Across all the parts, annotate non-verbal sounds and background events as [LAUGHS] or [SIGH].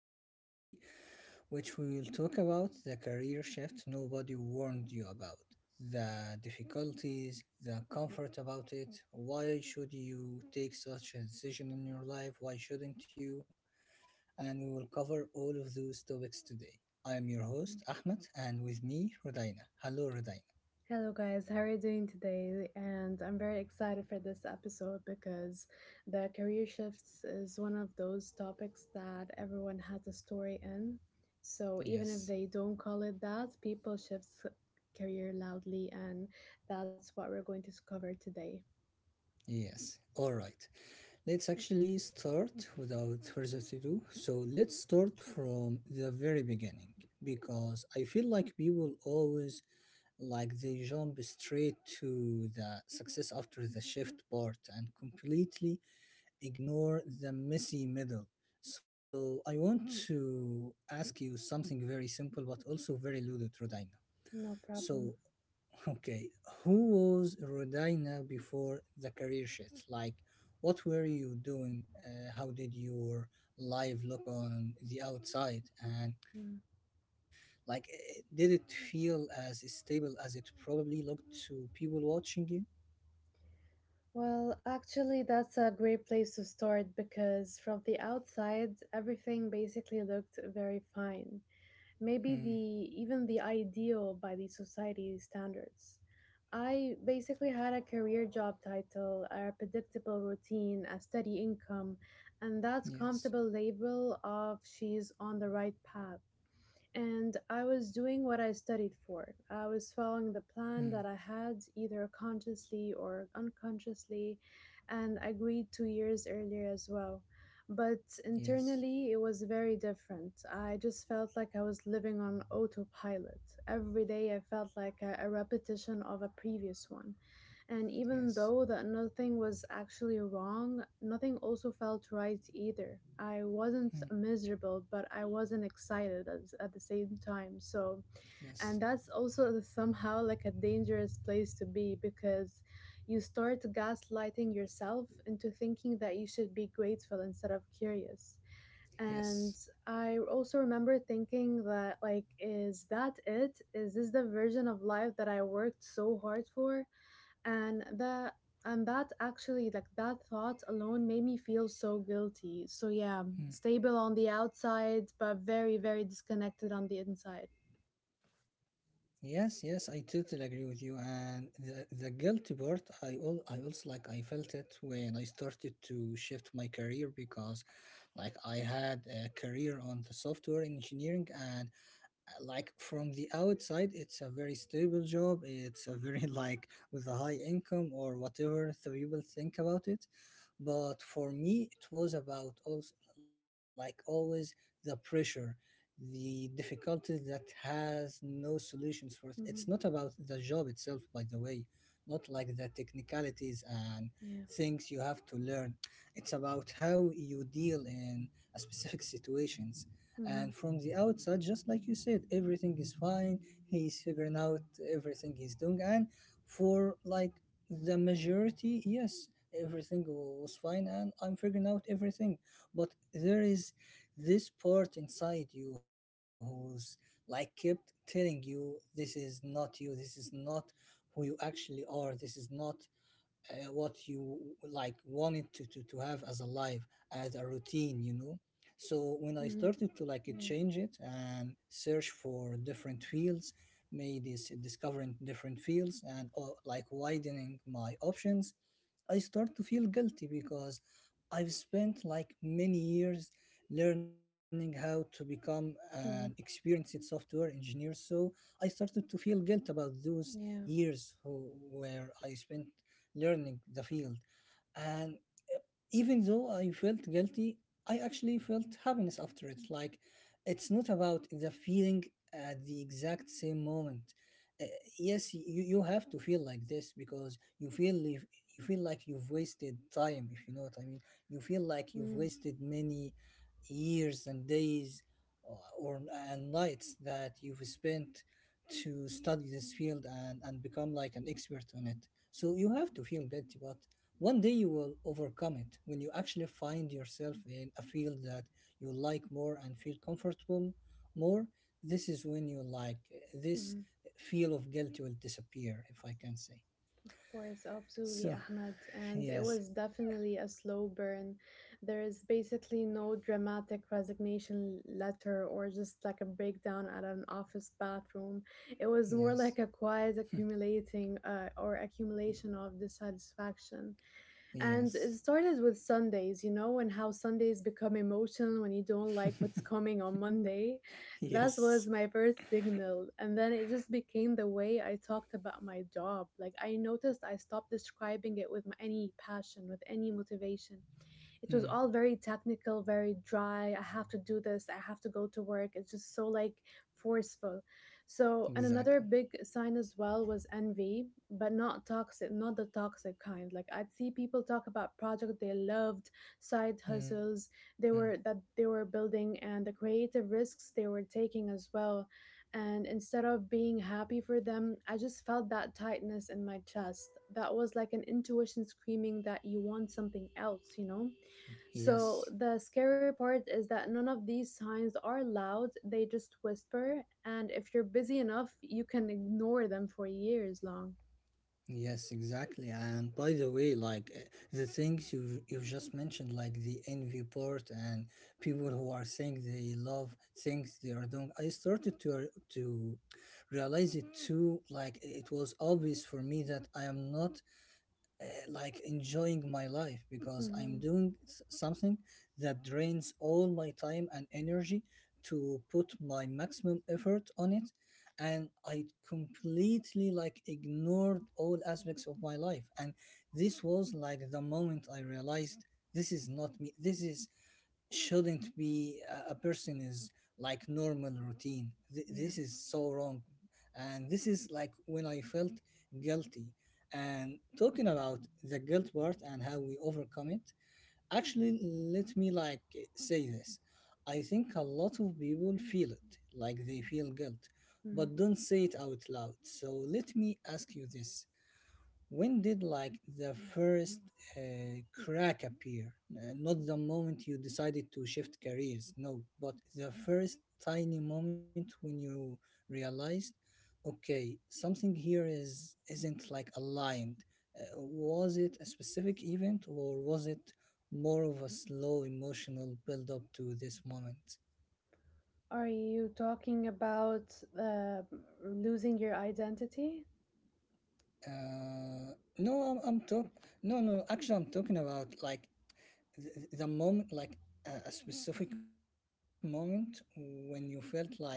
episode today, which we will talk about the career shift nobody warned you about, the difficulties, the comfort about it, why should you take such a decision in your life, why shouldn't you? And we will cover all of those topics today. I am your host, Ahmed, and with me, Rodina. Hello, Rodina. Hello, guys. How are you doing today? And I'm very excited for this episode because the career shifts is one of those topics that everyone has a story in. So, even if Yes, they don't call it that, people shifts career loudly, and that's what we're going to cover today. yes. All right. Let's actually start without further ado. So let's start from the very beginning because I feel like people always like they jump straight to the success after the shift part and completely ignore the messy middle. So I want to ask you something very simple but also very loaded, Rodina. No So, problem. okay, who was Rodina before the career shift? Like, what were you doing? How did your life look on the outside? And, Mm. like, did it feel as stable as it probably looked to people watching you? Well, actually, that's a great place to start because from the outside, everything basically looked very fine. Hmm. Maybe the even the ideal by the society standards. I basically had a career job title, a predictable routine, a steady income, and that Yes. comfortable label of she's on the right path, and I was doing what I studied for. I was following Hmm. the plan that I had, either consciously or unconsciously, and I agreed 2 years earlier as well. But Yes. internally, it was very different. I just felt like I was living on autopilot. Every day, I felt like a repetition of a previous one. And even Yes. though that nothing was actually wrong, nothing also felt right either. I wasn't Hmm. miserable, but I wasn't excited at the same time. So, Yes. and that's also [LAUGHS] somehow like a dangerous place to be because you start gaslighting yourself into thinking that you should be grateful instead of curious. And Yes. I also remember thinking that, like, is that it? Is this the version of life that I worked so hard for? and the and that actually, like, that thought alone made me feel so guilty, so yeah, Hmm. stable on the outside but very, very disconnected on the inside. Yes, yes, I totally agree with you. And the guilty part, I also like I felt it when I started to shift my career because like I had a career on the software engineering and like from the outside it's a very stable job, it's a very [LAUGHS] like with a high income or whatever the people think about it, but for me it was about also like always the pressure, the difficulties that has no solutions for it. It's not hmm about the job itself, by the way, not like the technicalities and yeah. things you have to learn, it's about how you deal in a specific situations. hmm And from the outside, just like you said, everything is fine. He's figuring out everything he's doing. And for like the majority, yes, everything was fine and I'm figuring out everything. But there is this part inside you who's like kept telling you, this is not you, this is not who you actually are, this is not what you like wanted to have as a life, as a routine, so when I hmm started to like yeah change it and search for different fields, made this discovering different fields and like widening my options, I start to feel guilty because I've spent like many years learning how to become an hmm experienced software engineer. So I started to feel guilt about those yeah years where I spent learning the field. And even though I felt guilty, I actually felt happiness after it. Like, it's not about the feeling at the exact same moment. Uh, yes, you have to feel like this because you feel if, you feel like you've wasted time, if you know what I mean. You feel like you've hmm wasted many years and days or and nights that you've spent to study this field, and become like an expert on it. So you have to feel guilty, but one day you will overcome it when you actually find yourself in a field that you like more and feel comfortable more. This is when you like this hmm feel of guilt will disappear, if I can say. Of course, absolutely, So, Ahmed. [LAUGHS] And it yes. was definitely a slow burn. There is basically no dramatic resignation letter or just like a breakdown at an office bathroom. It was more Yes, like a quiet accumulating or accumulation of dissatisfaction. And it yes. started with Sundays, you know, and how Sundays become emotional when you don't like what's coming on Monday. [LAUGHS] That Yes. was my first signal. And then it just became the way I talked about my job. Like, I noticed I stopped describing it with my, any passion, with any motivation. It was Mm, all very technical, very dry. I have to do this, I have to go to work. It's just so like forceful. So, and another exactly. big sign as well was envy, but not toxic, not the toxic kind. Like, I'd see people talk about projects they loved, side Mm, hustles they were building, and the creative risks they were taking as well. And instead of being happy for them, I just felt that tightness in my chest. That was like an intuition screaming that you want something else, you know? So yes. the scary part is that none of these signs are loud, they just whisper, and if you're busy enough, you can ignore them for years long. Yes, exactly. And by the way, like the things you just mentioned, like the envy part and people who are saying they love things they are doing, I started to to realize it too. Like it was obvious for me that I am not like enjoying my life because I'm hmm doing something that drains all my time and energy to put my maximum effort on it, and I completely like ignored all aspects of my life. And this was like the moment I realized this is not me, this is shouldn't be a person is like normal routine. Th- Yeah. this is so wrong. And this is like when I felt guilty. And talking about the guilt part and how we overcome it, actually, let me like say this. I think a lot of people feel it, like they feel guilt, but Mm. don't say it out loud. So let me ask you this. When did like the first crack appear? Not the moment you decided to shift careers, no, but the first tiny moment when you realized, okay, something here is isn't like aligned. Was it a specific event or was it more of a slow emotional build up to this moment? Are you talking about uh, losing your identity? Uh, no, I'm talk. No, no. Actually, I'm talking about like the moment, like a specific moment when you felt like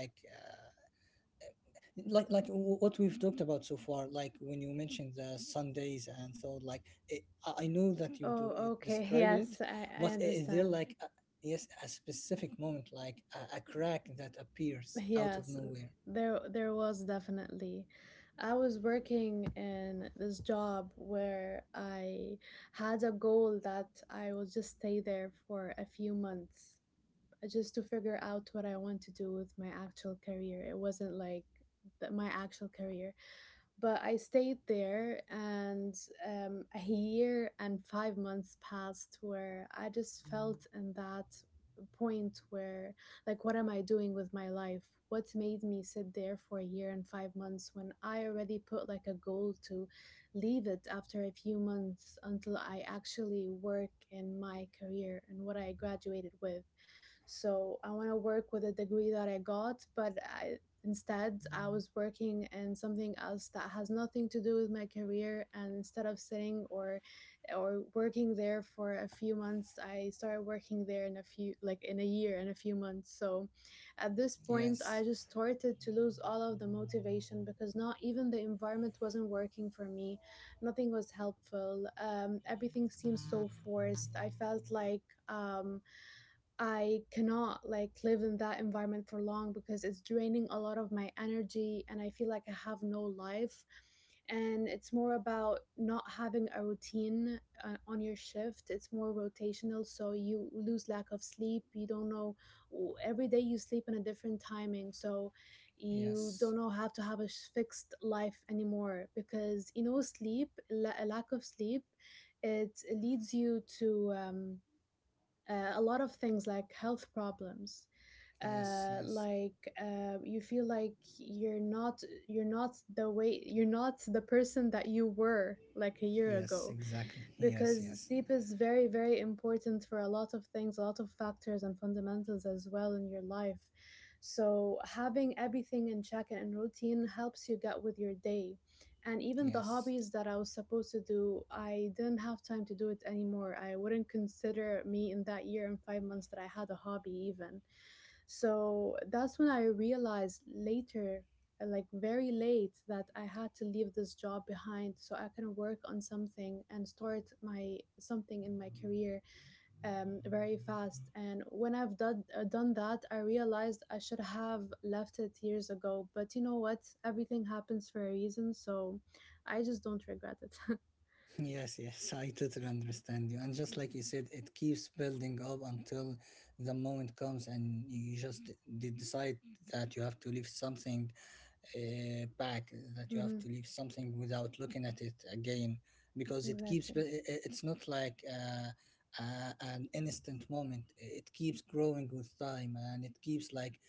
like what we've talked about so far, like when you mentioned the Sundays and so like it, I know that you Oh, okay. [LAUGHS] described it, Yes, I but is there understand. like yes, a specific moment, like a crack that appears out of Yes, nowhere. there was definitely. I was working in this job where I had a goal that I will just stay there for a few months, just to figure out what I want to do with my actual career. It wasn't like my actual career. But I stayed there, and a year and 5 months passed where I just felt in that point where, like, what am I doing with my life? What made me sit there for a year and 5 months when I already put like a goal to leave it after a few months until I actually work in my career and what I graduated with? So I want to work with the degree that I got, but I, instead I was working in something else that has nothing to do with my career. And instead of sitting or working there for a few months, I started working there in a few, like, in a year and a few months. So at Yes. this point, I just started to lose all of the motivation because not even the environment wasn't working for me. Nothing was helpful. Everything seemed so forced. I felt like um, I cannot like live in that environment for long because it's draining a lot of my energy and I feel like I have no life. And it's more about not having a routine on your shift. It's more rotational, so you lose lack of sleep. You don't know every day you sleep in a different timing, so you Yes. don't know how to have a fixed life anymore because you know sleep, a lack of sleep, it leads you to. A lot of things like health problems Yes. Yes. like you feel like you're not the person that you were like a year Yes, ago exactly. Yes. because Yes. sleep is very, very important for a lot of things, a lot of factors and fundamentals as well in your life. So having everything in check and in routine helps you get with your day, and even the Yes. hobbies that I was supposed to do, I didn't have time to do it anymore. I wouldn't consider me in that year and 5 months that I had a hobby, even. So that's when I realized later, like, very late, that I had to leave this job behind so I can work on something and start my something in my career very fast. And when I've done, done that, I realized I should have left it years ago. But you know what? Everything happens for a reason. So I just don't regret it. [LAUGHS] Yes, yes, I totally understand you. And just like you said, it keeps building up until the moment comes and you just decide that you have to leave something back, that you have hmm to leave something without looking at it again, because it keeps, bu- Exactly. I- it's not like an instant moment. It keeps growing with time and it keeps like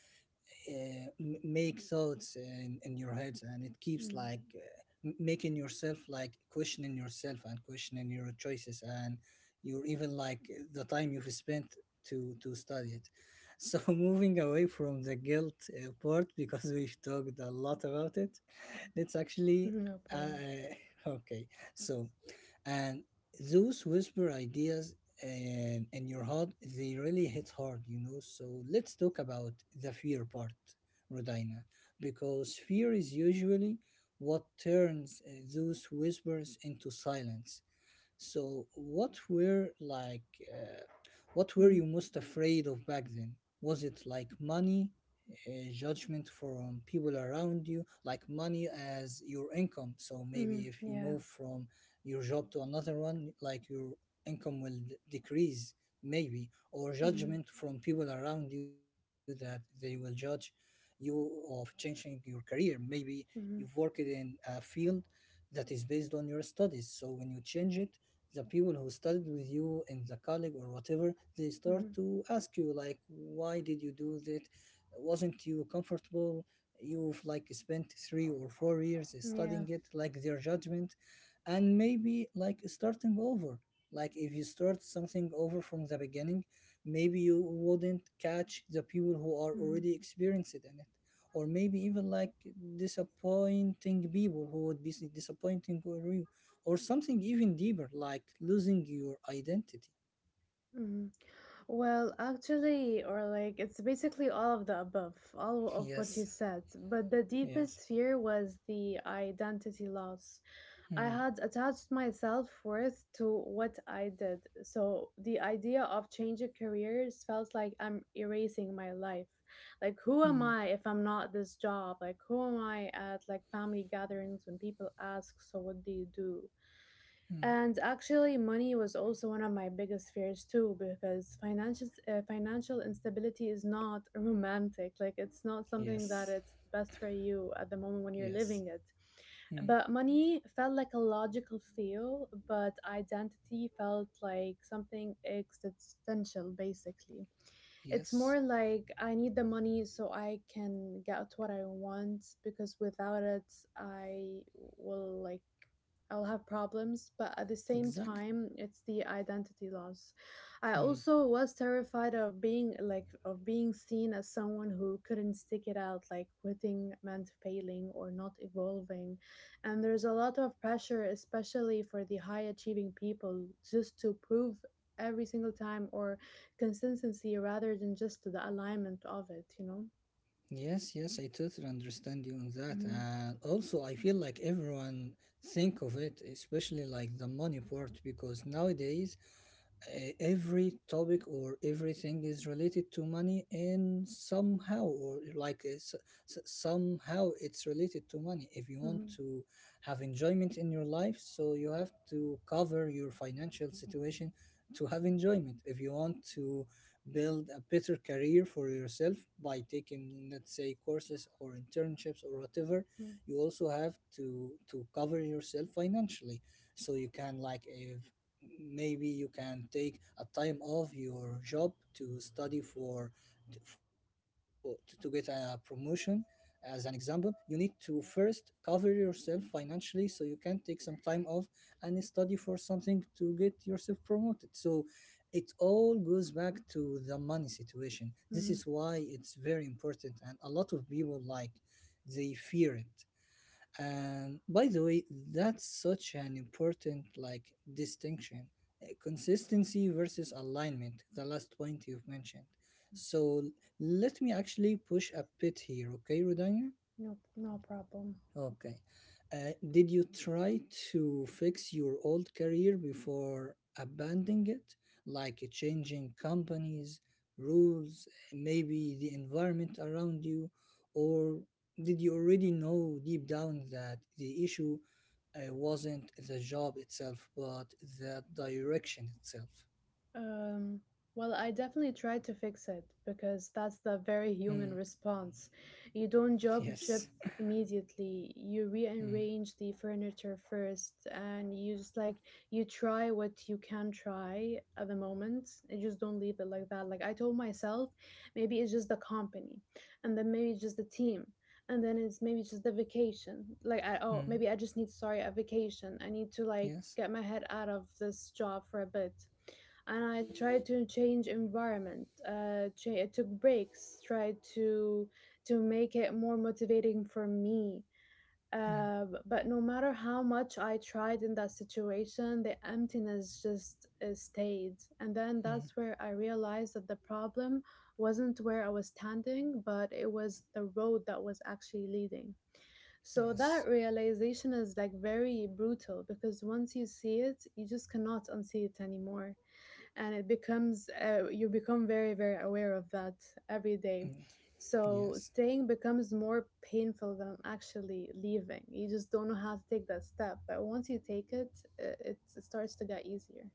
make thoughts in your heads, and it keeps Mm. [LAUGHS] like making yourself like questioning yourself and questioning your choices, and your even like the time you've spent to study it. So [LAUGHS] moving away from the guilt part, because we've talked a lot about it, that's actually No problem. uh, [LAUGHS] okay. So, and those whisper ideas, in your heart, they really hit hard. So let's talk about the fear part, Rodina, because fear is usually what turns those whispers into silence. So, uh, what were Mm. you most afraid of back then? Was it like money, judgment from people around you, like money as your income? So maybe Mm. if you Yeah. move from your job to another one, like your income will decrease, maybe, or Mm. judgment from people around you, that they will judge you of changing your career. Maybe you've Mm. worked in a field that is based on your studies. So when you change it, the people who studied with you in the college or whatever, they start Mm. to ask you like, why did you do that? Wasn't you comfortable? You've like spent 3 or 4 years Yeah. studying it, like their judgment. And maybe like starting over, like if you start something over from the beginning, maybe you wouldn't catch the people who are Mm. already experienced in it. Or maybe even like disappointing people, who would be disappointing or you, or something even deeper, like losing your identity. Mm. Well, actually, or like, it's basically all of the above, all [LAUGHS] of what you Yes. said. But the Yes. deepest fear was the identity loss. I Hmm. had attached my self worth to what I did, so the idea of changing careers felt like I'm erasing my life. Like, who am Hmm. I if I'm not this job? Like, who am I at like family gatherings when people ask, "So what do you do?" Hmm. And actually, money was also one of my biggest fears too, because financial financial instability is not [LAUGHS] romantic. Like, it's not something that Yes. it's best for you at the moment when you're Yes. living it. Hmm. But money felt like a logical feel, but identity felt like something existential. Basically, it's Yes, more like I need the money so I can get what I want, because without it, I will like I'll have problems, but at the same exactly. time, it's the identity loss. I Hmm. also was terrified of being like of being seen as someone who couldn't stick it out, like quitting meant failing or not evolving. And there's a lot of pressure, especially for the high achieving people, just to prove every single time or consistency rather than just the alignment of it, you know? Yes, yes, I totally understand you on that. hmm And also I feel like everyone think of it, especially like the money part, because nowadays every topic or everything is related to money. And somehow, or like somehow it's related to money. If you want hmm to have enjoyment in your life, so you have to cover your financial situation to have enjoyment. If you want to build a better career for yourself by taking, let's say, courses or internships or whatever, hmm you also have to cover yourself financially, so you can like, if maybe you can take a time off your job to study for to get a promotion, as an example, you need to first cover yourself financially so you can take some time off and study for something to get yourself promoted. So it all goes back to the money situation. This hmm is why it's very important, and a lot of people like they fear it. And by the way, that's such an important like distinction. Consistency versus alignment, the last point you've mentioned. So let me actually push a bit here, okay, Rodanya? No, no problem. Okay. Did you try to fix your old career before abandoning it, like changing companies, rules, maybe the environment around you, or did you already know deep down that the issue wasn't the job itself, but the direction itself? Um, well, I definitely tried to fix it because that's Hmm. the [LAUGHS] very human response. You don't Yes. jump ship immediately. You Hmm. rearrange the furniture first, and you just like you try what you can try at the moment. You just don't leave it like that. Like, I told myself, maybe it's just the company, and then maybe it's just the team. And then it's maybe just the vacation. Like, I, oh, Hmm. maybe I just need, sorry, a vacation. I need to like Yes. get my head out of this job for a bit, and I tried to change environment. I took breaks, tried to make it more motivating for me. Hmm. But no matter how much I tried in that situation, the emptiness just stayed. And then Hmm. that's where I realized that the problem wasn't where I was standing, but it was the road that was actually leading. So Yes. that realization is like very brutal because once you see it, you just cannot unsee it anymore, and it becomes you become very, very aware of that every day. Hmm. So Yes. staying becomes more painful than actually leaving. You just don't know how to take that step, but once you take it, it starts to get easier.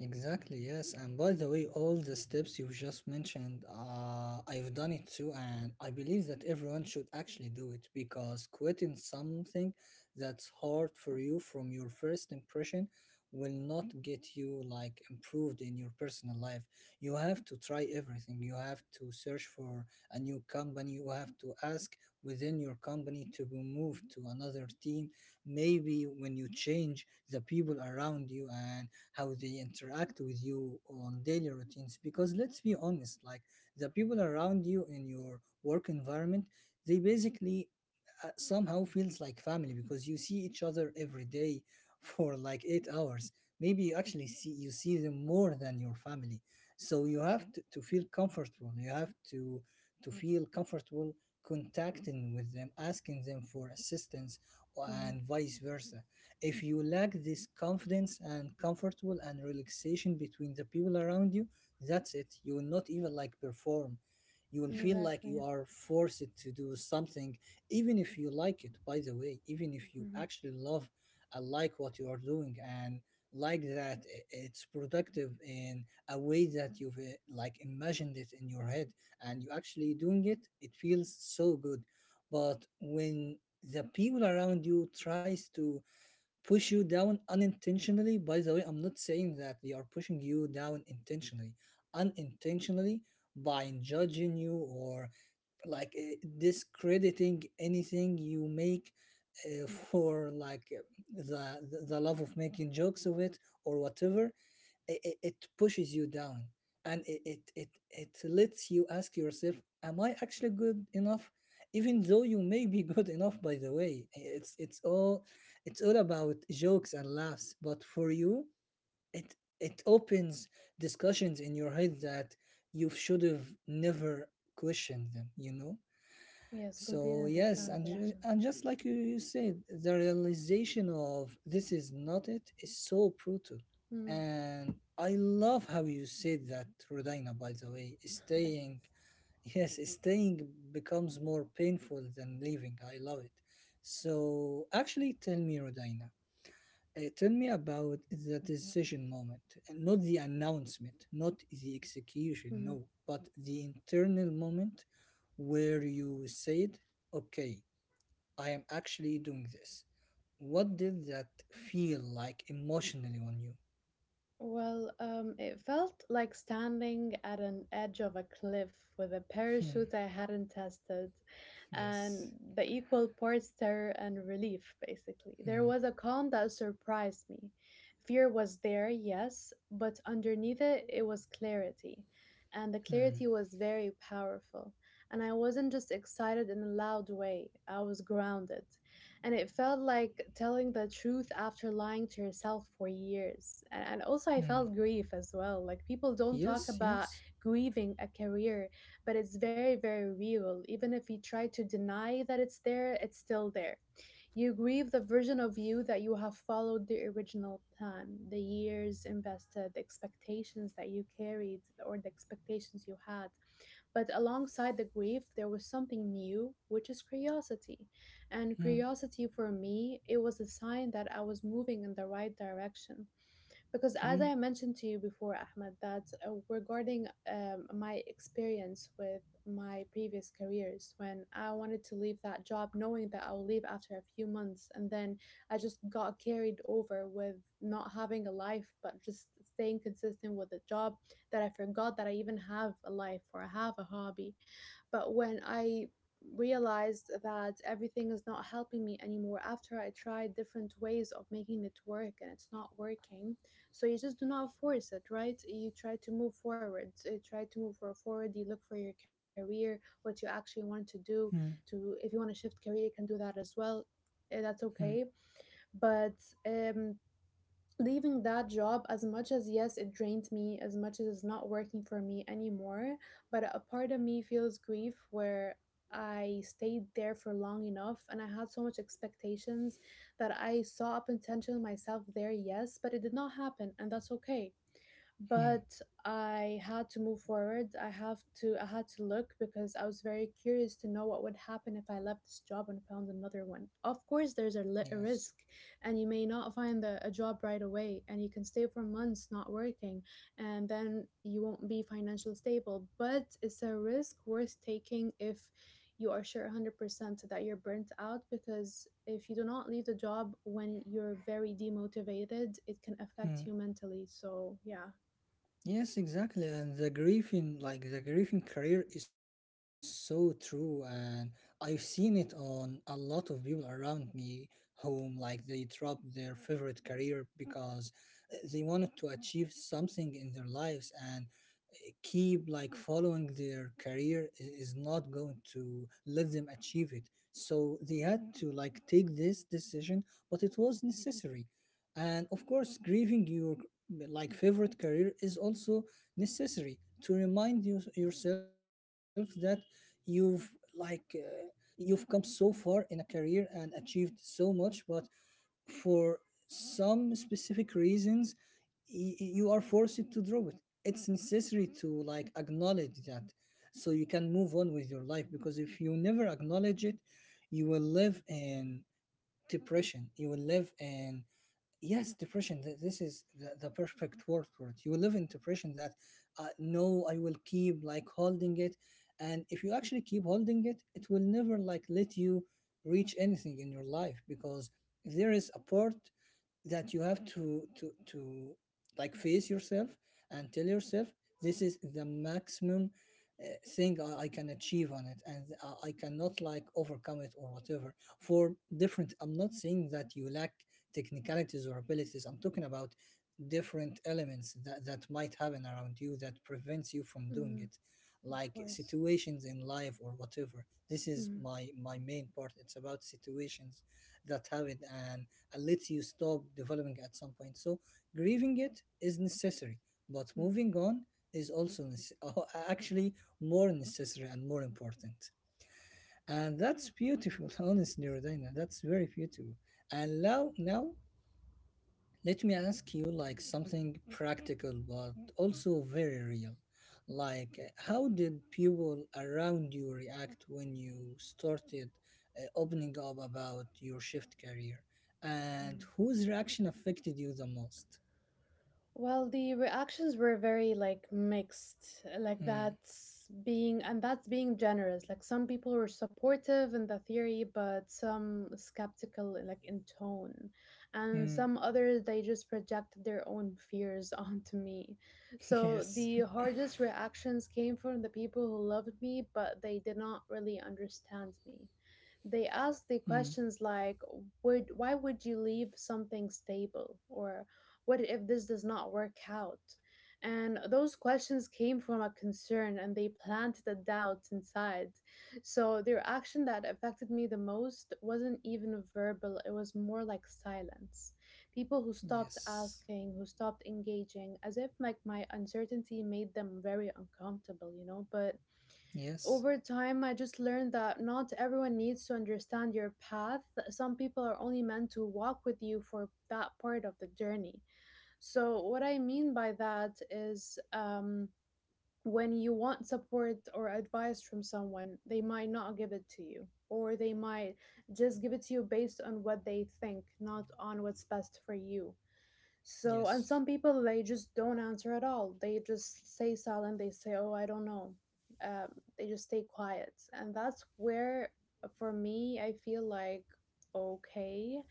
Exactly, yes. And by the way, all the steps you just mentioned, I've done it too, and I believe that everyone should actually do it, because quitting something that's hard for you from your first impression will not get you like improved in your personal life. You have to try everything. You have to search for a new company. You have to ask within your company to be moved to another team. Maybe when you change the people around you and how they interact with you on daily routines, because let's be honest, like, the people around you in your work environment, they basically somehow feels like family because you see each other every day [LAUGHS] for like 8 hours. Maybe you actually see you see them more than your family. So you have to feel comfortable. You have to feel comfortable contacting with them, asking them for assistance hmm and vice versa. If you lack this confidence and comfortable and relaxation between the people around you, that's it. You will not even like perform. You will feel like you exactly. are forced to do something even if you like it, by the way, even if you hmm actually love and like what you are doing, and like that, it's productive in a way that you've like imagined it in your head, and you actually doing it feels so good. But when the people around you tries to push you down unintentionally, by the way, I'm not saying that they are pushing you down intentionally, unintentionally, by judging you, or like discrediting anything you make, for like the love of making jokes of it or whatever, it pushes you down, and it lets you ask yourself, am I actually good enough? Even though you may be [LAUGHS] good enough, by the way, it's all about jokes and laughs, but for you, it opens discussions in your head that you should have never questioned them. yes, completely So yes, and understandable, ju- Ahmed. and just like you said, the realization of this is not, it is so brutal, and I love how you said that, Rodina. By the way, Mm-hmm. staying [LAUGHS] yes, staying becomes more painful than leaving. I love it. So actually, tell me, Rodina, tell me about the decision moment, and not the announcement, not the execution, no, but the internal moment where you said, okay, I am actually doing this. What did that feel like emotionally on you? Well, it felt like standing at an edge of a cliff with a Hmm, parachute I hadn't tested, and yes. the equal parts terror and relief, basically. There Hmm, was a calm that surprised me. Fear was there, yes, but underneath it, it was clarity. And the hmm, clarity was very powerful. And I wasn't just excited in a loud way, I was grounded, and it felt like telling the truth after lying to yourself for years. And also, I hmm. felt grief as well. Like, people don't Yes, talk about yes. grieving a career, but it's very, very real. Even if you try to deny that it's there, it's still there. You grieve the version of you that you have followed the original plan, the years invested, the expectations that you carried, or the expectations you had. But alongside the grief, there was something new, which is curiosity. And Hmm, curiosity for me, it was a sign that I was moving in the right direction because as hmm, I mentioned to you before, Ahmed, that regarding my experience with my previous careers, when I wanted to leave that job, knowing that I will leave after a few months, and then I just got carried over with not having a life, but just staying consistent with the job that I forgot that I even have a life or I have a hobby. But when I realized that everything is not helping me anymore after I tried different ways of making it work and it's not working, so you just do not force it, right? You try to move forward. You try to move forward. You look for your career, what you actually want to hmm, do. To if you want to shift career, you can do that as well. That's hmm, okay, but um, leaving that job, as much as, yes, it drained me, as much as it's not working for me anymore, but a part of me feels grief where I stayed there for long enough, and I had so much expectations that I saw a potential in myself there, yes, but it did not happen, and that's okay. hmm. But I had to move forward. I had to look because I was very curious to know what would happen if I left this job and found another one. Of course, there's a Yes. risk, and you may not find a job right away, and you can stay for months not working, and then you won't be financially stable. But it's a risk worth taking if you are sure 100% that you're burnt out because if you do not leave the job when you're very demotivated, it can Hmm. affect you mentally. So, yeah. Yes, exactly. And the grieving, like the grieving career is so true. And I've seen it on a lot of people around me, whom like they dropped their favorite career because they wanted to achieve something in their lives, and uh, keep like following their career is not going to let them achieve it. So they had to like take this decision, but it was necessary. And of course, grieving your like favorite career is also necessary to remind you, yourself, that you've like uh, you've come so far in a career and achieved so much, but for some specific reasons, you are forced to drop it. It's necessary to like acknowledge that, so you can move on with your life, because if you never acknowledge it, you will live in depression. You will live in, yes, depression. This is the perfect word for it. You will live in depression that no, I will keep like holding it, and if you actually keep holding it will never like let you reach anything in your life, because there is a part that you have to like face yourself and tell yourself, this is the maximum uh, thing I can achieve on it, and I cannot like overcome it or whatever. For different, I'm not saying that you lack technicalities or abilities, I'm talking about different elements that might happen around you that prevents you from doing Mm, it, of like course. situations in life or whatever. This is Mm, my main part. It's about situations that happen and and lets you stop developing at some point. So grieving it is necessary, but mm, moving on is also [LAUGHS] actually more necessary and more important. And that's beautiful, [LAUGHS] honestly, Rodina. That's very beautiful. And now, now, let me ask you like something practical but also very real. Like, how did people around you react when you started opening up about your shift career, mm. and whose reaction affected you the most? Well, the reactions were very like mixed. Like, Hmm. that's being generous. Like, some people were supportive in the theory, but some skeptical like in tone. And Hmm. some others, they just projected their own fears [LAUGHS] onto me. [LAUGHS] So Yes. the hardest reactions came from the people who loved me, but they did not really understand me. They Hmm. ask the questions like, would why would you leave something stable, or what if this does not work out? And those questions came from a concern, and they planted a doubt inside. So their action that affected me the most wasn't even verbal, it was more like silence. People who stopped Yes. asking, who stopped engaging, as if like my uncertainty made them very uncomfortable. But Yes. over time, I just learned that not everyone needs to understand your path. Some people are only meant to walk with you for that part of the journey. So what I mean by that is, when you want support or advice from someone, they might not give it to you, or they might just give it to you based on what they think, not on what's best for you. So, and Yes. some people, they just don't answer at all. They just stay silent. They say, "Oh, I don't know." Um, they just stay quiet, and that's where, for me, I feel like, okay,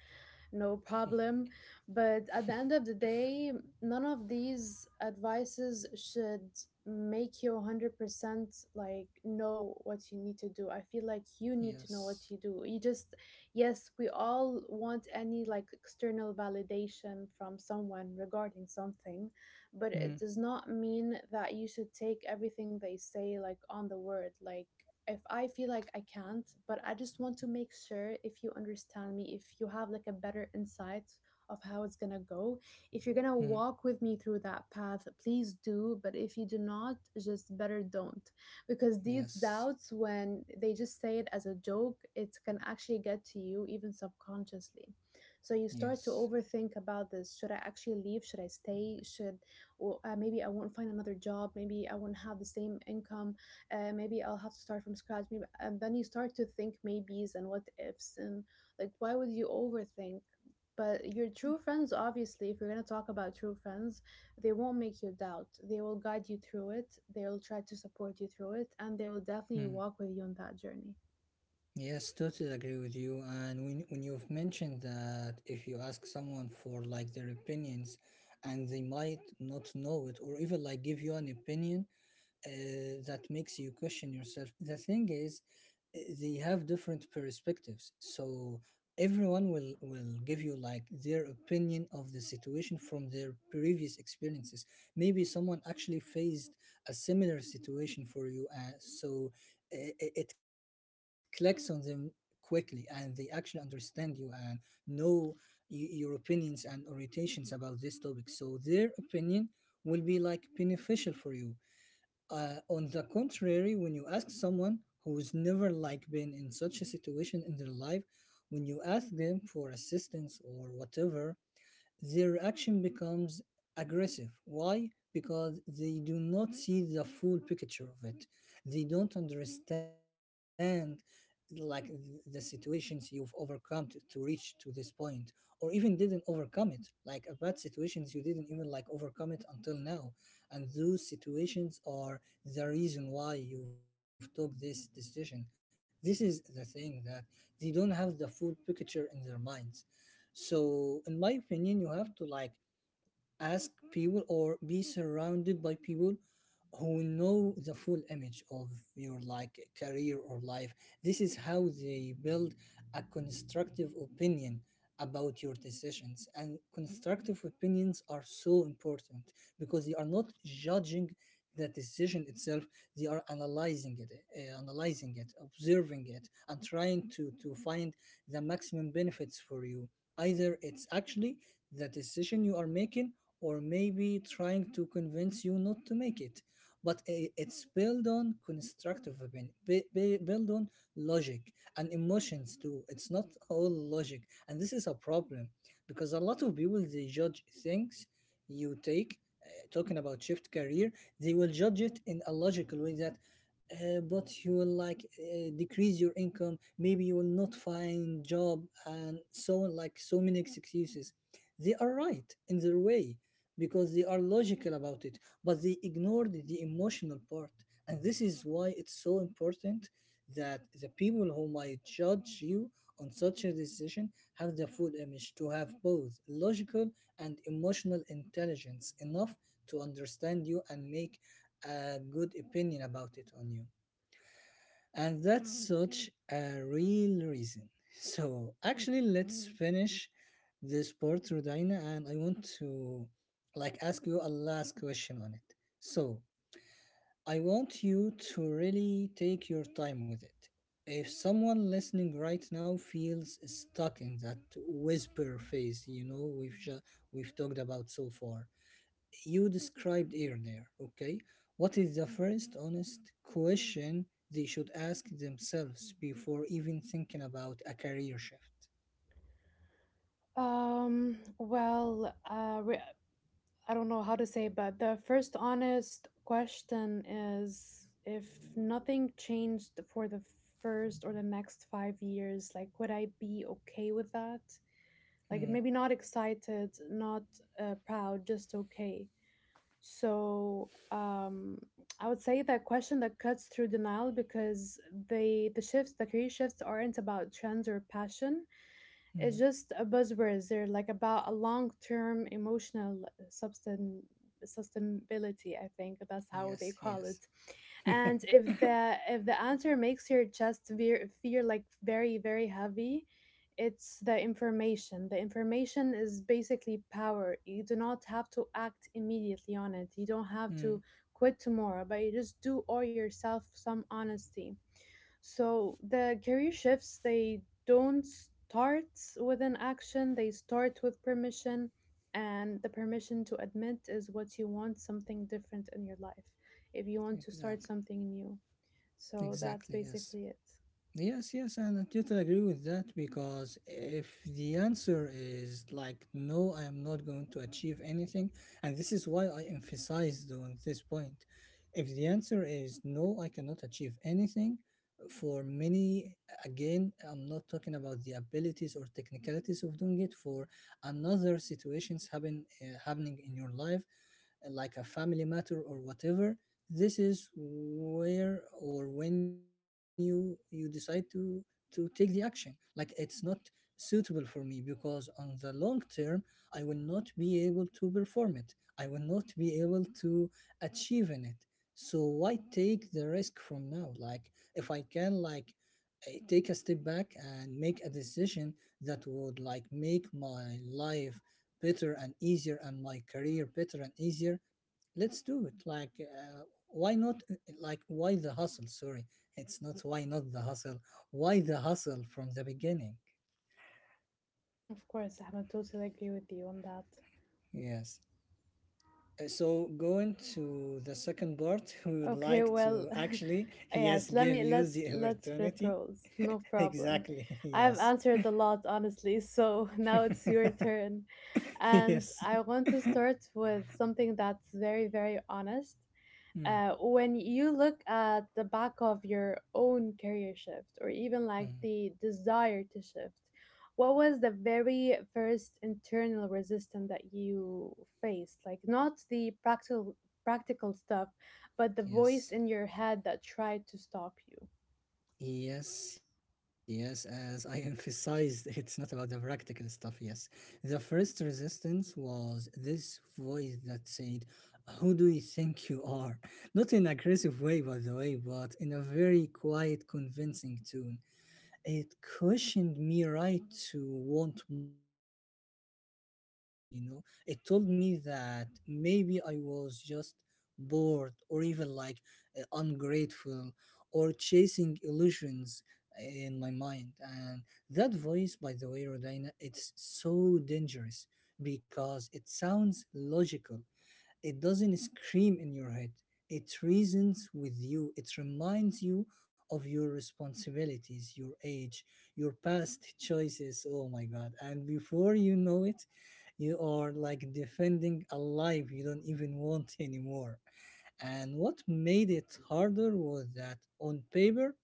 no problem. But at the end of the day, none of these advices should make you 100% like know what you need to do. I feel like you need to know Yes. what you do. Yes, we all want any like external validation from someone regarding something, but Hmm. it does not mean that you should take everything they say like on the word. Like, if I feel like I can't, but I just want to make sure if you understand me, if you have like a better insight of how it's gonna go. If you're gonna Hmm. walk with me through that path, please do. But if you do not, just better don't. Because these Yes. doubts, when they just say it as a joke, it can actually get to you even subconsciously. So you start to Yes. overthink about this. Should I actually leave? Should I stay? Should, or maybe I won't find another job. Maybe I won't have the same income, maybe I'll have to start from scratch. Maybe, and then you start to think maybes and what ifs, and, like, why would you overthink? But your true friends, obviously, if you're gonna talk about true friends, they won't make you doubt. They will guide you through it. They will try to support you through it, and they will definitely Hmm. walk with you on that journey. Yes, totally agree with you. And when you've mentioned that if you ask someone for like their opinions, and they might not know it, or even like give you an opinion, uh, that makes you question yourself. The thing is, they have different perspectives, so everyone will give you like their opinion of the situation from their previous experiences. Maybe someone actually faced a similar situation for you, so it clicks on them quickly, and they actually understand you and know your opinions and orientations about this topic. So their opinion will be like beneficial for you. On the contrary, when you ask someone who's never like been in such a situation in their life, when you ask them for assistance or whatever, their reaction becomes aggressive. Why? Because they do not see the full picture of it. They don't understand like the situations you've overcome to reach to this point, or even didn't overcome it, like a bad situations you didn't even like overcome it until now, and those situations are the reason why you've took this decision. This is the thing that they don't have the full picture in their minds. So in my opinion, you have to like ask people, or be surrounded by people who know the full image of your like career or life. This is how they build a constructive opinion about your decisions, and constructive opinions are so important, because they are not judging the decision itself, they are analyzing it, analyzing it, observing it, and trying to find the maximum benefits for you, either it's actually the decision you are making, or maybe trying to convince you not to make it. But it's built on constructive opinion, built on logic, and emotions too. It's not all logic, and this is a problem, because a lot of people, they judge things. You take, talking about shift career, they will judge it in a logical way that, but you will like decrease your income, maybe you will not find job, and so on, like so many excuses. They are right in their way, because they are logical about it, but they ignored the emotional part. And this is why it's so important that the people who might judge you on such a decision have the full image, to have both logical and emotional intelligence enough to understand you and make a good opinion about it on you. And that's such a real reason. So, actually, let's finish this part, Rodina, and I want to like ask you a last question on it. So, I want you to really take your time with it. If someone listening right now feels stuck in that whisper phase, you know, we've talked about so far, you described earlier, okay? What is the first honest question they should ask themselves before even thinking about a career shift? Well, I don't know how to say, but the first honest question is, if nothing changed for the first or the next 5 years, like, would I be okay with that? Like, Mm, maybe not excited, not proud, just okay. So, I would say that question that cuts through denial because the shifts, the career shifts aren't about trends or passion, it's mm, just a buzzwords. They're like about a long term emotional sustainability. I think that's how they yes, call yes. it. And if the answer makes your chest veer, feel like very very heavy, it's the information. The information is basically power. You do not have to act immediately on it. You don't have Mm, to quit tomorrow, but you just do owe yourself some honesty. So the career shifts, they don't start with an action, they start with permission. And the permission to admit is what you want something different in your life, if you want to start exactly. something new. So that's Exactly, yes. basically it. Yes, yes, and I totally agree with that, because if the answer is like, no, I am not going to achieve anything, and this is why I emphasized on this point. If the answer is no, I cannot achieve anything, for many, again, I'm not talking about the abilities or technicalities of doing it, for another situations happen, happening in your life, like a family matter or whatever, this is where or when you decide to take the action. Like, it's not suitable for me, because on the long term, I will not be able to perform it. I will not be able to achieve in it. So why take the risk from now? Like, if I can like take a step back and make a decision that would like make my life better and easier and my career better and easier, let's do it. Like, why not? Like, why the hustle? Sorry, it's not why not the hustle, why the hustle from the beginning? Of course, I totally agree with you on that. Yes. So going to the second part, [LAUGHS] we would Okay, like well, to actually, [LAUGHS] yes, yes, let give me you the let's flip opportunity. roles. [LAUGHS] No [LAUGHS] problem. Exactly. [LAUGHS] I've Yes. answered a lot, honestly, so [LAUGHS] now it's your [LAUGHS] turn. And Yes. I want to start with something that's very, very honest. Mm, When you look at the back of your own career shift, or even like mm, the desire to shift, what was the very first internal resistance that you faced? Like, not the practical stuff, but the voice yes. in your head that tried to stop you. Yes, yes, as I [LAUGHS] emphasized, it's not about the practical stuff, yes. The first resistance was this voice that said, who do you think you are? Not in aggressive way, by the way, but in a very quiet, convincing tone. It questioned me, right, to want more, to want different. It told me that maybe I was just bored, or even like ungrateful, or chasing illusions in my mind. And that voice, by the way, Rodina, it's so dangerous because it sounds logical. It doesn't scream in your head. It reasons with you. It reminds you of your responsibilities, your age, your past choices. Oh my God. And before you know it, you are like defending a life you don't even want [LAUGHS] anymore. And what made it harder was that on paper,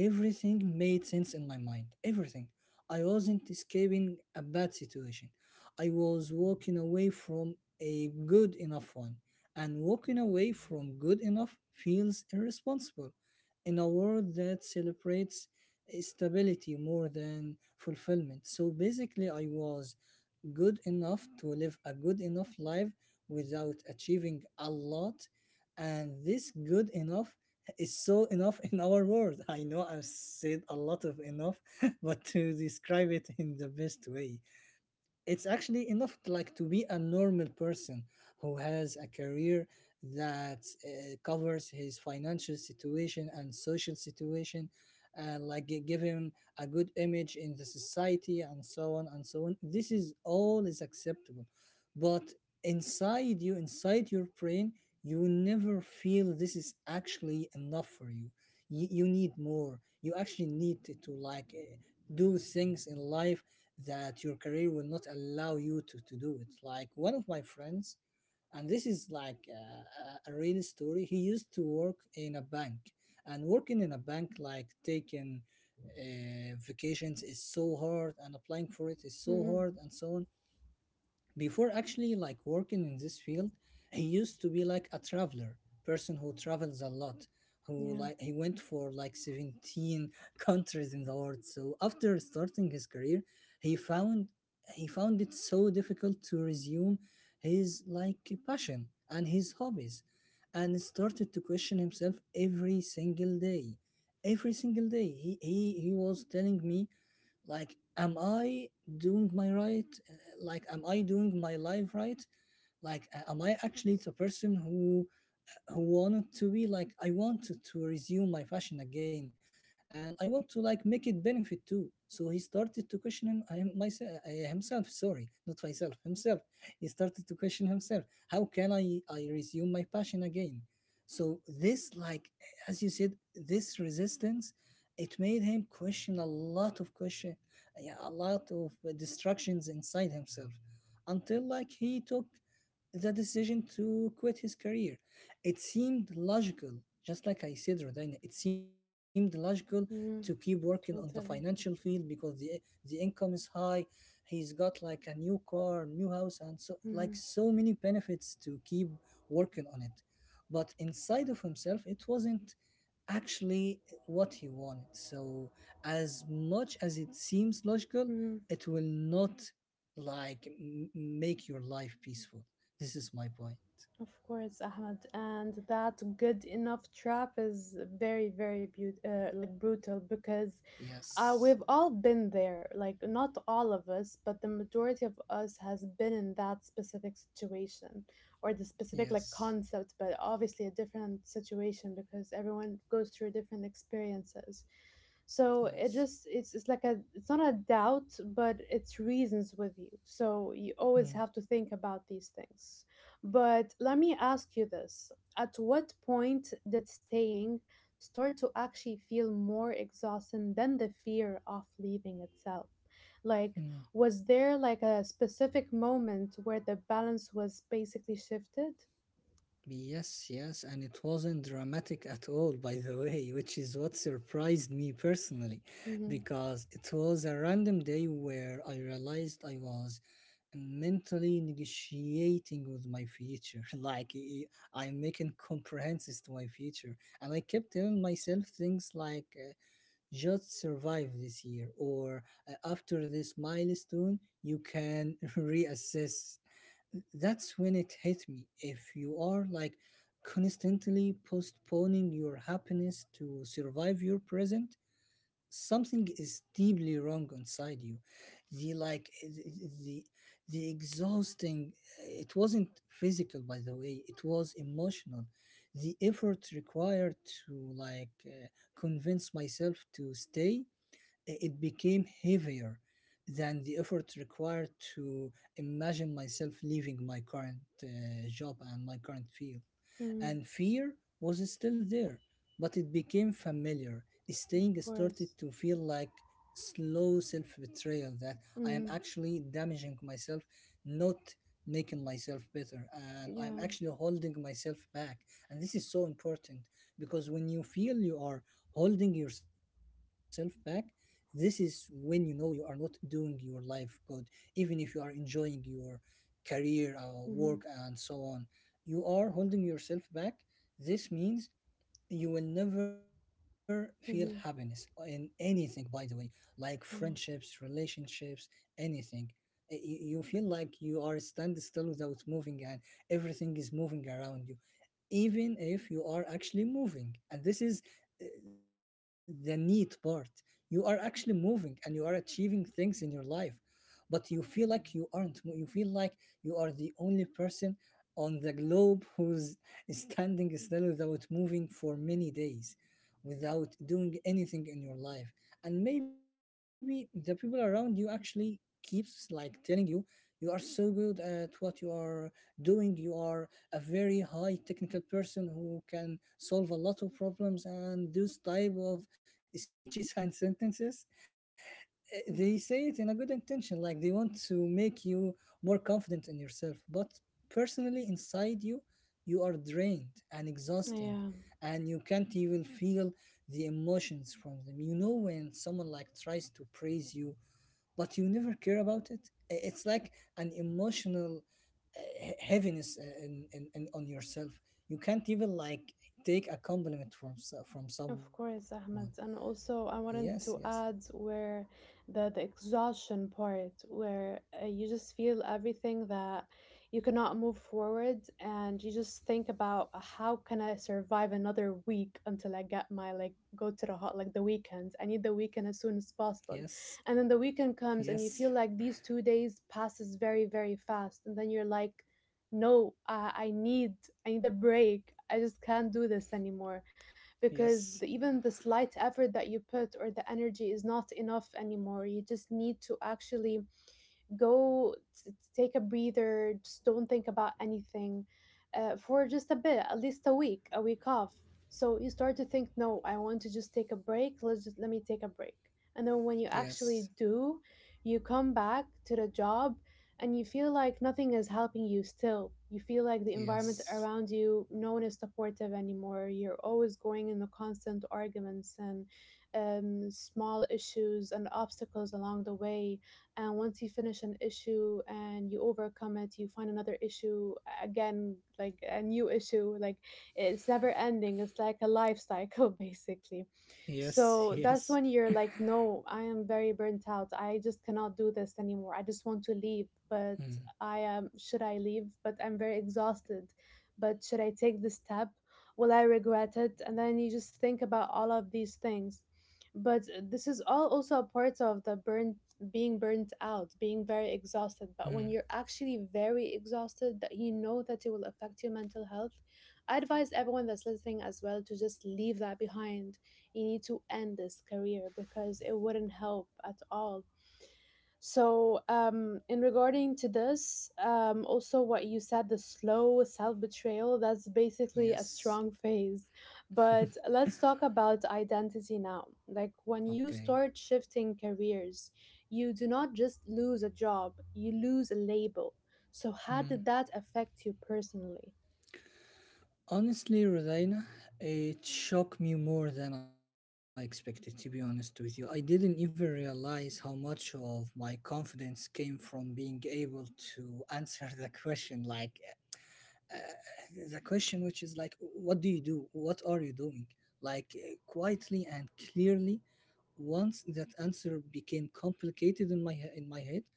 everything made sense in my mind. Everything. I wasn't escaping a bad situation. I was walking away from a good enough one. And walking away from good enough feels irresponsible in a world that celebrates stability more than fulfillment. So basically, I was good enough to live a good enough life without achieving a lot. And this good enough is so [LAUGHS] enough in our world. I know I've said a lot of enough, [LAUGHS] but to describe it in the best way, it's actually enough to, like to be a normal person who has a career that covers his financial situation and social situation, and like give him a good image in the society, and so on and so on. This is all is acceptable, but inside you, inside your brain, you will never feel this is actually enough for you. You need more. You actually need to like do things in life that your career will not allow you to do it. Like one of my friends, and this is like a real story, he used to work in a bank, and working in a bank, like taking vacations, is so hard, and applying for it is so Hmm. hard, and so on. Before actually like working in this field, he used to be like a traveler, person who travels a lot, who Yeah. like he went for like 17 [LAUGHS] countries in the world. So after starting his career, he found, he found it so difficult to resume his like passion and his hobbies, and started to question himself every single day. Every single day he was telling me, like, am I doing my right. Like, am I doing my life right? Like, am I actually the person who wanted to be? Like, I wanted to resume my fashion again, and I want to like make it benefit too. So he started to question himself. Sorry, not myself, himself. He started to question himself. How can I resume my passion again? So this, like, as you said, this resistance, it made him question a lot of question, yeah, a lot of distractions inside himself, until like he took the decision to quit his career. It seemed logical, just like I said, Rodina, it seemed logical to keep Hmm. working on the financial Totally. field because the income is high. He's got like a new car, new house, and so like Hmm. so many benefits to keep working on it. But inside of himself, it wasn't actually what he wanted. So as much as it seems logical, Hmm. it will not like make your life peaceful. This is my point. Of course, Ahmed. And that good enough trap is very, very beautiful, like brutal, because Yes, we've all been there. Like, not all of us, but the majority of us has been in that specific situation or the specific like yes, concept, but obviously a different situation because everyone goes through different experiences. So it yes. just it's like a it's not a doubt, but it's reasons with you. So you always Hmm, have to think about these things. But let me ask you this: at what point did staying start to actually feel more exhausted than the fear of leaving itself, like, hmm. was there like a specific moment where the balance was basically shifted? Yes, yes, and it wasn't dramatic at all, by the way, which is what surprised me personally, Mm-hmm. because it was a random day where I realized I was mentally negotiating with my future. [LAUGHS] Like, I'm making compromises to my future. And I kept telling myself things like, just survive this year, or after this milestone you can [LAUGHS] reassess. That's when it hit me: if you are like constantly postponing your happiness to survive your present, something is deeply wrong inside you. The like the the exhausting, it wasn't physical, by the way, it was emotional. The effort required to like convince myself to stay, it became heavier than the effort required to imagine myself leaving my current job and my current field. Mm-hmm. And fear was still there, but it became familiar. Of Staying started course. to feel like slow self betrayal, that I am Mm-hmm. actually damaging myself, not making myself better, and I'm Yeah. actually holding myself back. And this is so important, because when you feel you are holding yourself back, this is when you know you are not doing your life good, even if you are enjoying your career, work, Mm-hmm. and so on. You are holding yourself back. This means you will never feel happiness Mm-hmm. in anything, by the way, like friendships, Yeah. relationships, anything. You feel like you are stand still without moving, and everything is moving around you, even if you are actually moving. And this is uh, the neat part. You are actually moving and you are achieving things in your life, but you feel like you aren't. You feel like you are the only person on the globe who's [LAUGHS] standing still without moving for many days, without doing anything in your life. And maybe the people around you actually keeps like telling you, you are so good at what you are doing. You are a very high technical person who can solve a lot of problems, and those type of speeches [LAUGHS] and sentences, they say it in a good intention, like they want to make you more confident in yourself. But personally inside you, you are drained and exhausting, Yeah. and you can't even feel the emotions from them, you know, when someone like tries to praise you but you never care about it. It's like an emotional heaviness on yourself. You can't even like take a compliment from from Of someone. course, Ahmed. And Yes, also, I yes, wanted to add, where the exhaustion part, where you just feel everything, that you cannot move forward, and you just think about, how can I survive another week until I get my, like, go to the hot, like, the weekend? I need the weekend as soon as yes, possible, and then the weekend yes, comes, and you feel like these 2 days passes very very fast, and then you're like, no, I need a break. I just can't do this anymore because yes, even the slight effort that you put, or the energy is not enough anymore. You just need to actually go take a breather, just don't think about anything, for just a bit, at least a week off. So you start to think, no, I want to just take a break, let me take a break, and then when you actually yes, do, you come back to the job, and you feel like nothing is helping you still. You feel like the environment yes, around you, no one is supportive anymore, you're always going in the constant arguments, and small issues and obstacles along the way. And once you finish an issue and you overcome it, you find another issue, again, like a new issue, like, it's never ending, it's like a life cycle [LAUGHS] basically. yes, yes. So that's when you're like, no, I am very burnt out, I just cannot do this anymore, I just want to leave, Mm, but I am should I leave, but I'm very exhausted, but should I take this step, will I regret it? And then you just think about all of these things. But this is all also a part of the burnt being burnt out, being very mm, exhausted. But when you're actually very exhausted, that you know that it will affect your mental health, I advise everyone that's listening as well to just leave that behind. You need to end this career because it wouldn't help at all. So, in regarding to this, also what you said, the slow self betrayal, that's basically a yes. strong phase. But let's talk about identity now. Like when you Okay. start shifting careers, you do not just lose a job, you lose a label. So, how Mm. did that affect you personally? Honestly, Rosaina, it shocked me more than I expected, to be honest with you. I didn't even realize how much of my confidence came from being able to answer the question, like, uh, the question, which is like, what do you do? What are you doing? Like, quietly and clearly, once that answer became complicated in my in my head,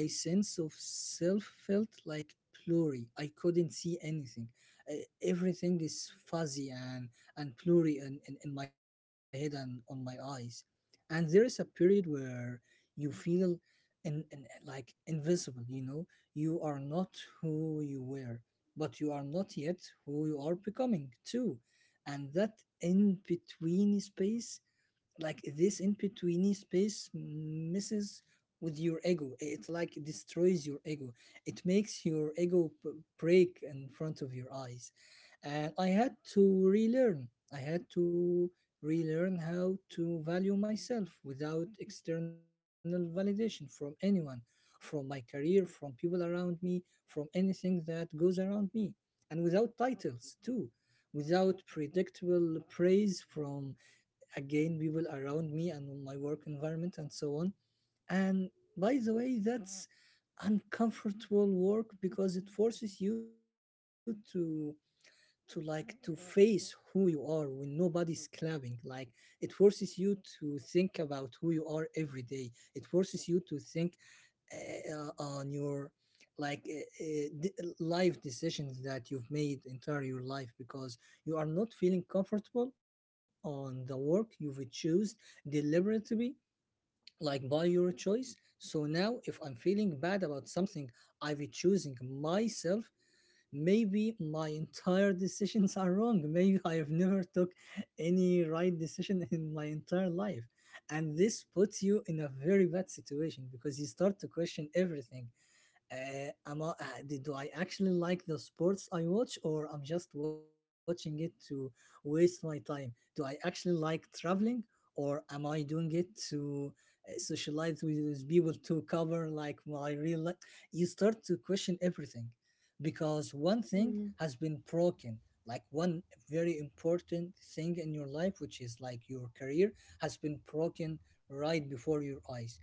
my sense of self felt like blurry. I couldn't see anything. Uh, Everything is fuzzy and blurry in my head and on my eyes. And there is a period where you feel like invisible. You know, you are not who you were, but you are not yet who you are becoming too. And that in between space, like this in betweeny space, messes with your ego. It like destroys your ego, it makes your ego break in front of your eyes. And I had to relearn how to value myself without external validation from anyone, from my career, from people around me, from anything that goes around me, and without titles too, without predictable praise from, again, people around me and on my work environment and so on. And by the way, that's uncomfortable work, because it forces you to like to face who you are when nobody's clapping. Like, it forces you to think about who you are every day. It forces you to think, on your like life decisions that you've made entire your life, because you are not feeling comfortable on the work you've chosen deliberately, like by your choice. So now, if I'm feeling bad about something, I've choosing myself. Maybe my entire [LAUGHS] decisions are wrong. Maybe I have never took any right decision in my entire life, and this puts you in a very bad situation, because you start to question everything. Am I, do I actually like the sports I watch, or I'm just watching it to waste my time? Do I actually like traveling, or am I doing it to socialize with people to cover like my real life? You start to question everything, because one thing Hmm. has been broken, like one very important thing in your life, which is like your career, has been broken right before your eyes.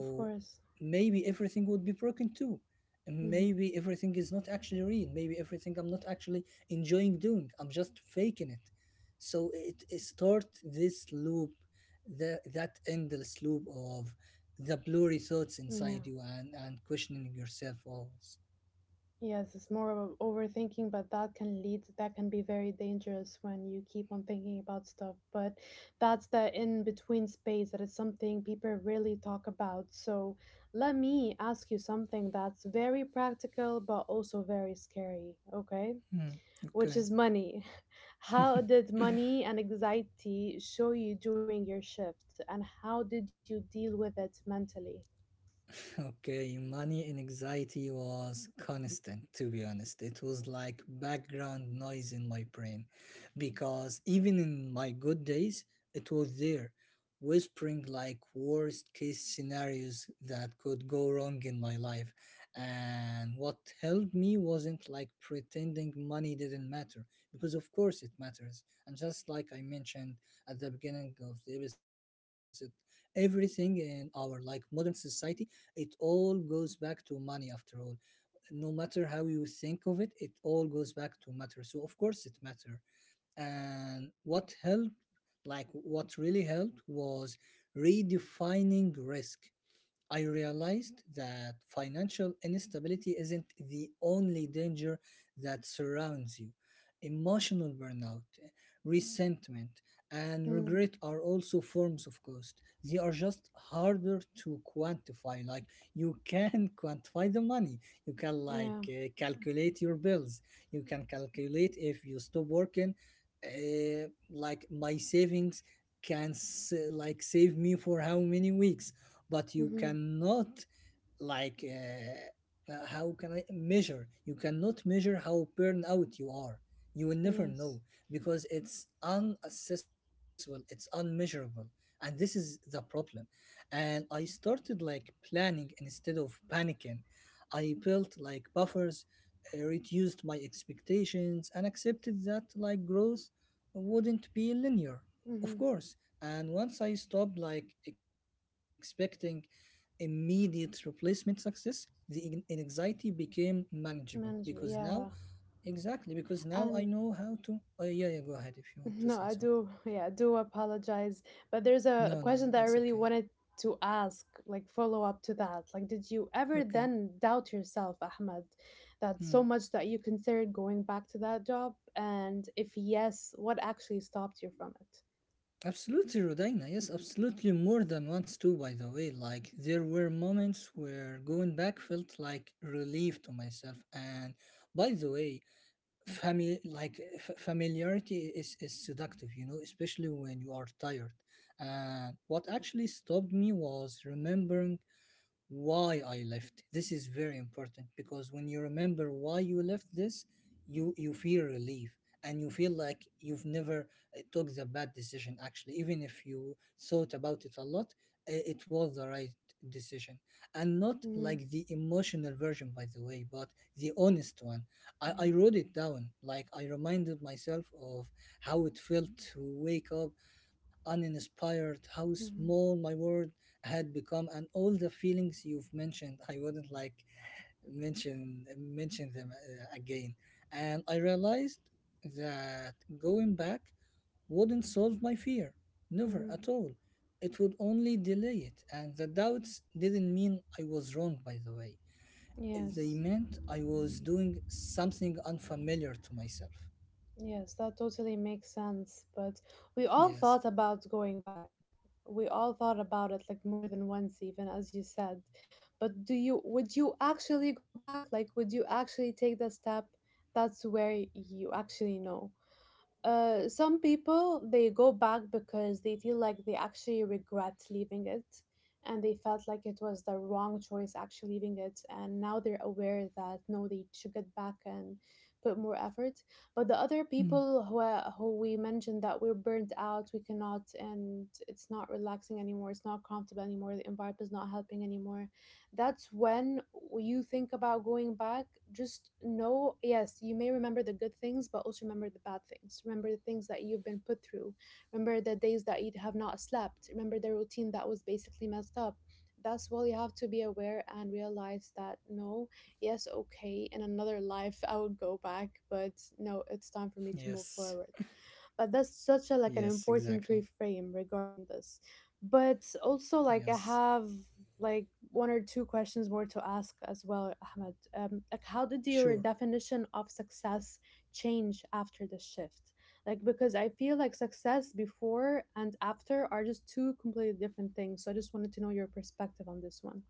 Of course. maybe everything would be broken too. And Hmm. maybe everything is not actually real. Maybe everything I'm not actually enjoying doing. I'm just faking it. So it start this loop, that endless loop of the blurry thoughts Yeah. inside you, and questioning yourself always. Yes, it's more of overthinking, but that can be very dangerous when you keep on thinking about stuff. But that's the in between space, that is something people really talk about. So let me ask you something that's very practical but also very scary. Okay, Hmm, which okay. is money. [LAUGHS] How did money and anxiety show you during your shift, and how did you deal with it mentally? Okay, money and anxiety was constant, to be honest. It was like background noise in my brain, because even in my good days, it was there, whispering like worst case scenarios that could go wrong in my life. And what helped me wasn't like pretending money didn't matter, because of course it matters. And just like I mentioned at the beginning of the episode, everything in our like modern society, it all goes back to money after all. No matter how you think of it, it all goes back to matter. So of course it matter. And what helped, like what really helped, was redefining risk. I realized that financial instability isn't the only danger that surrounds you. Emotional burnout, resentment, and Mm, regret are also forms of cost. They are just harder to quantify. Like you can [LAUGHS] quantify the money, you can yeah. Calculate your bills, you can calculate if you stop working. Like my savings can like save me for how many weeks, but you Mm-hmm. cannot how can I measure? You cannot measure how burnout you are. You will never Yes. know because it's unaccessible, it's unmeasurable, and this is the problem. And I started like planning instead of panicking. I built like buffers, reduced my expectations and accepted that like growth wouldn't be linear, Mm-hmm. of course. And once I stopped like expecting immediate replacement success, the anxiety became manageable because Management. now, Yeah. exactly, because now I And know how to. Oh, yeah, yeah, go ahead if you want to no, say I something. do. Yeah, I do apologize. But there's a No, no, question no, that I it's really okay. wanted to ask, like follow up to that. Like, did you ever Okay. then doubt yourself, Ahmed, that so Hmm. much that you considered going back to that job? And if yes, what actually stopped you from it? Absolutely, Rodina. Yes, absolutely. More than once, too, by the way. Like, there were moments where going back felt like relief to myself. And by the way, family, like familiarity is seductive, you know, especially when you are tired. And what actually stopped me was remembering why I left. This is very important, because when you remember why you left this, you feel relief, and you feel like you've never took the bad decision, actually. Even if you thought about it a lot, it was the right decision, and not Mm-hmm. like the emotional version, by the way, but the honest one. I Yeah. wrote it down. Like, I reminded myself of how it felt to wake up uninspired, how Mm-hmm. small my world had become, and all the feelings you've mentioned. I wouldn't like mention them again. And I realized that going back wouldn't solve my fear, never Mm-hmm. at all. It would only delay it. And the doubts didn't mean I was wrong, by the way. They Yes, meant I was doing something unfamiliar to myself. yes, that totally makes sense. But we all Yes. thought about going back. We all thought about it like more than once, even as you said. But would you actually go back? Like, would you actually take the step? That's where you actually know. Some people they go back because they feel like they actually regret leaving it and they felt like it was the wrong choice actually leaving it, and now they're aware that no, they should get back and put more effort. But the other people Hmm. Who we mentioned that we're burnt out, we cannot, and it's not relaxing anymore, it's not comfortable anymore, the environment is not helping anymore, that's when you think about going back. Just know yes, you may remember the good things, but also remember the bad things. Remember the things that you've been put through, remember the days that you have not slept, remember the routine that was basically messed up. That's why you have to be aware and realize that no, yes okay, in another life I would go back, but no, it's time for me to move Yes. forward. But that's such a like an Yes, exactly. important reframe regarding this. But also like I Yes. have like one or two questions more to ask as well, Ahmed. Like, how did your Sure. definition of success change after the shift? Like, because I feel like success before and after are just two completely different things. So I just wanted to know your perspective on this one.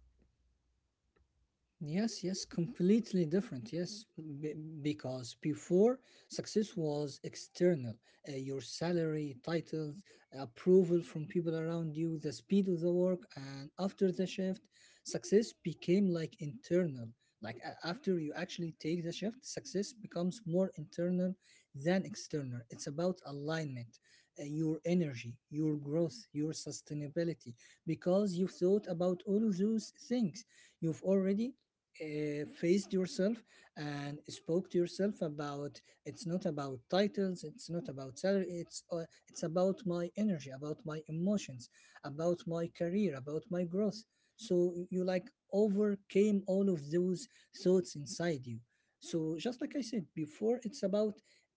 Yes, yes, completely different. Yes, because before, success was external. Your salary, titles, approval from people around you, the speed of the work. And after the shift, success became like internal. Like, after you actually take the shift, success becomes more internal than external. It's about alignment, your energy, your growth, your sustainability, because you thought about all of those things. You've already faced yourself and spoke to yourself about: it's not about titles, it's not about salary, it's about my energy, about my emotions, about my career, about my growth. So like, overcame all of those thoughts inside you. So just like I said before, it's about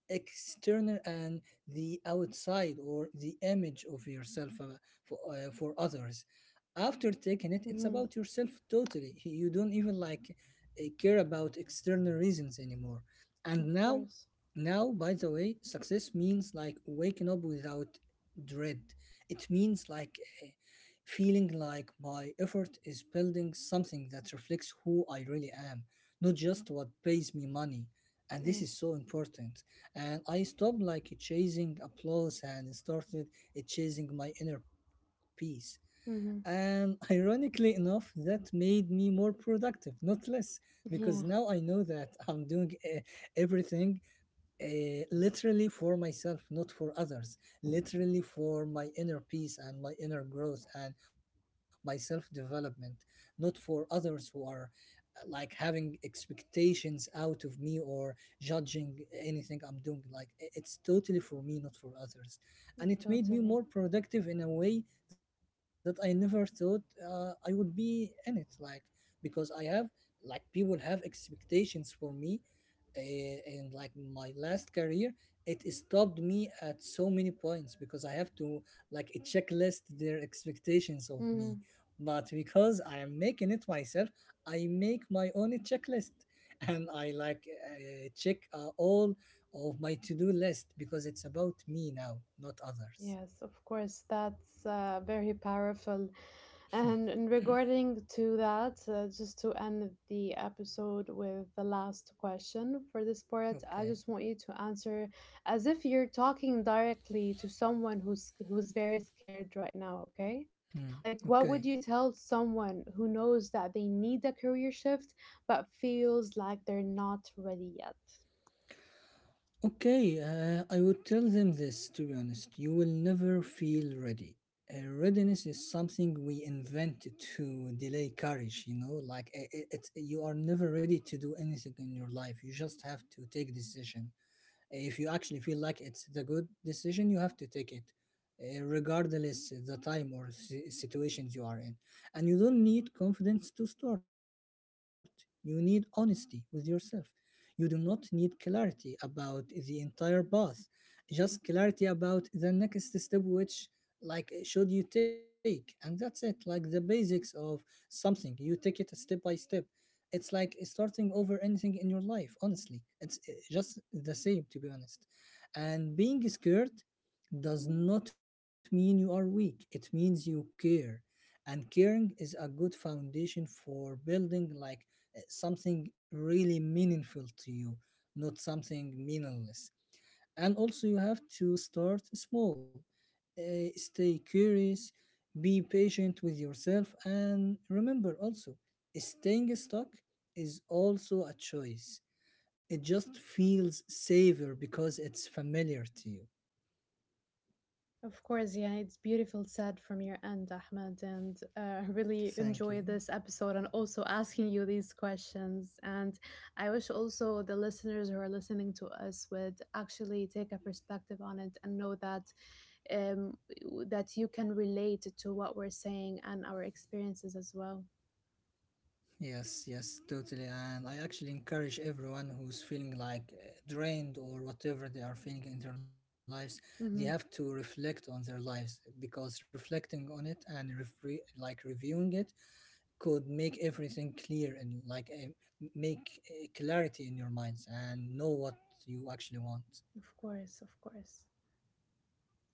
external and the outside, or the image of yourself for others. After taking it, it's Mm-hmm. about yourself totally. You don't even like care about external reasons anymore. And Of now, course. now, by the way, success means like waking up without dread. It means like, uh, feeling like my effort is building something that reflects Mm-hmm. who I really am, not just what pays me money. And this is Yes. so important. And I stopped like chasing applause and started, chasing my inner peace. Mm-hmm. And ironically enough, that made me more productive, not less, [LAUGHS] because Yeah, now I know that I'm doing everything literally for myself, not for others, literally for my inner peace and my inner growth and my self development, not for others who are like having expectations out of me or judging anything I'm doing. Like, it's totally for me, not for others. And it made me totally. more productive in a way that I never thought I would be in it. Like, because I have, like, people have expectations for me, in like my last career. It stopped me at so many points, because I have to like a checklist their expectations of Mm-hmm. me. But because I am making it myself, I make my own checklist. [LAUGHS] And I like check all of my to-do list, because it's about me now, not others. Yes, of course. That's very powerful. And in regarding to that, just to end the episode with the last question for this part, I Okay. just want you to answer as if you're talking directly to someone who's very scared right now, okay? Hmm. Like what would Okay. you tell someone who knows that they need a career shift but feels like they're not ready yet? Okay, I would tell them this, to be honest. You will never feel ready. Readiness is something we invented to delay courage, you know. Like, you are never ready to do anything in your life. You just have to take decision. If you actually feel like it's the good decision, you have to take it, regardless the time or situations you are in. And you don't need confidence to start. You need honesty with yourself. You do not need clarity about the entire path, just clarity about the next step, which like should you take. And that's it. Like the basics of something: you take it step by step. It's like starting over anything in your life, honestly. It's just the same, to be honest. And being scared does not mean you are weak, it means you care. And caring is a good foundation for building like something really meaningful to you, not something meaningless. And also, you have to start small. Stay curious, be patient with yourself, and remember also staying stuck is also a choice. It just feels safer because it's familiar to you. Of course, yeah, it's beautiful said from your end, Ahmed, and really Thank enjoy you. this episode and also asking you these questions. And I wish also the listeners who are listening to us would actually take a perspective on it and know that, um, that you can relate to what we're saying and our experiences as well. Yes, yes, totally. And I actually encourage everyone who's feeling like drained or whatever they are feeling in their lives, they have to Hmm. reflect on their lives, because reflecting on it and refre like reviewing it could make everything clear and like make clarity in your minds and know what you actually want. Of course, of course.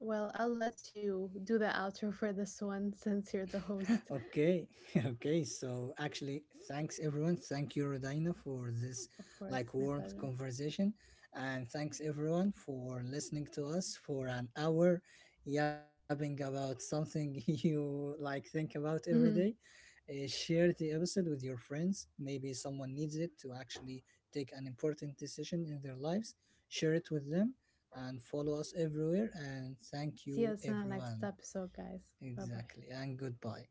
Well, I'll let you do the outro for this one [LAUGHS] since you're the host. Okay, [LAUGHS] okay. So actually, thanks everyone. Thank you, Rodina, for this Of like course, my warm pleasure. conversation, and thanks everyone for listening to us for an hour, yapping about something [LAUGHS] you like think about every day. Hmm. Share the episode with your friends. Maybe someone needs it to actually take an important decision in their lives. Share it with them, and follow us everywhere. And thank See you in you, the next everyone. episode, guys. Bye bye. Exactly, and goodbye.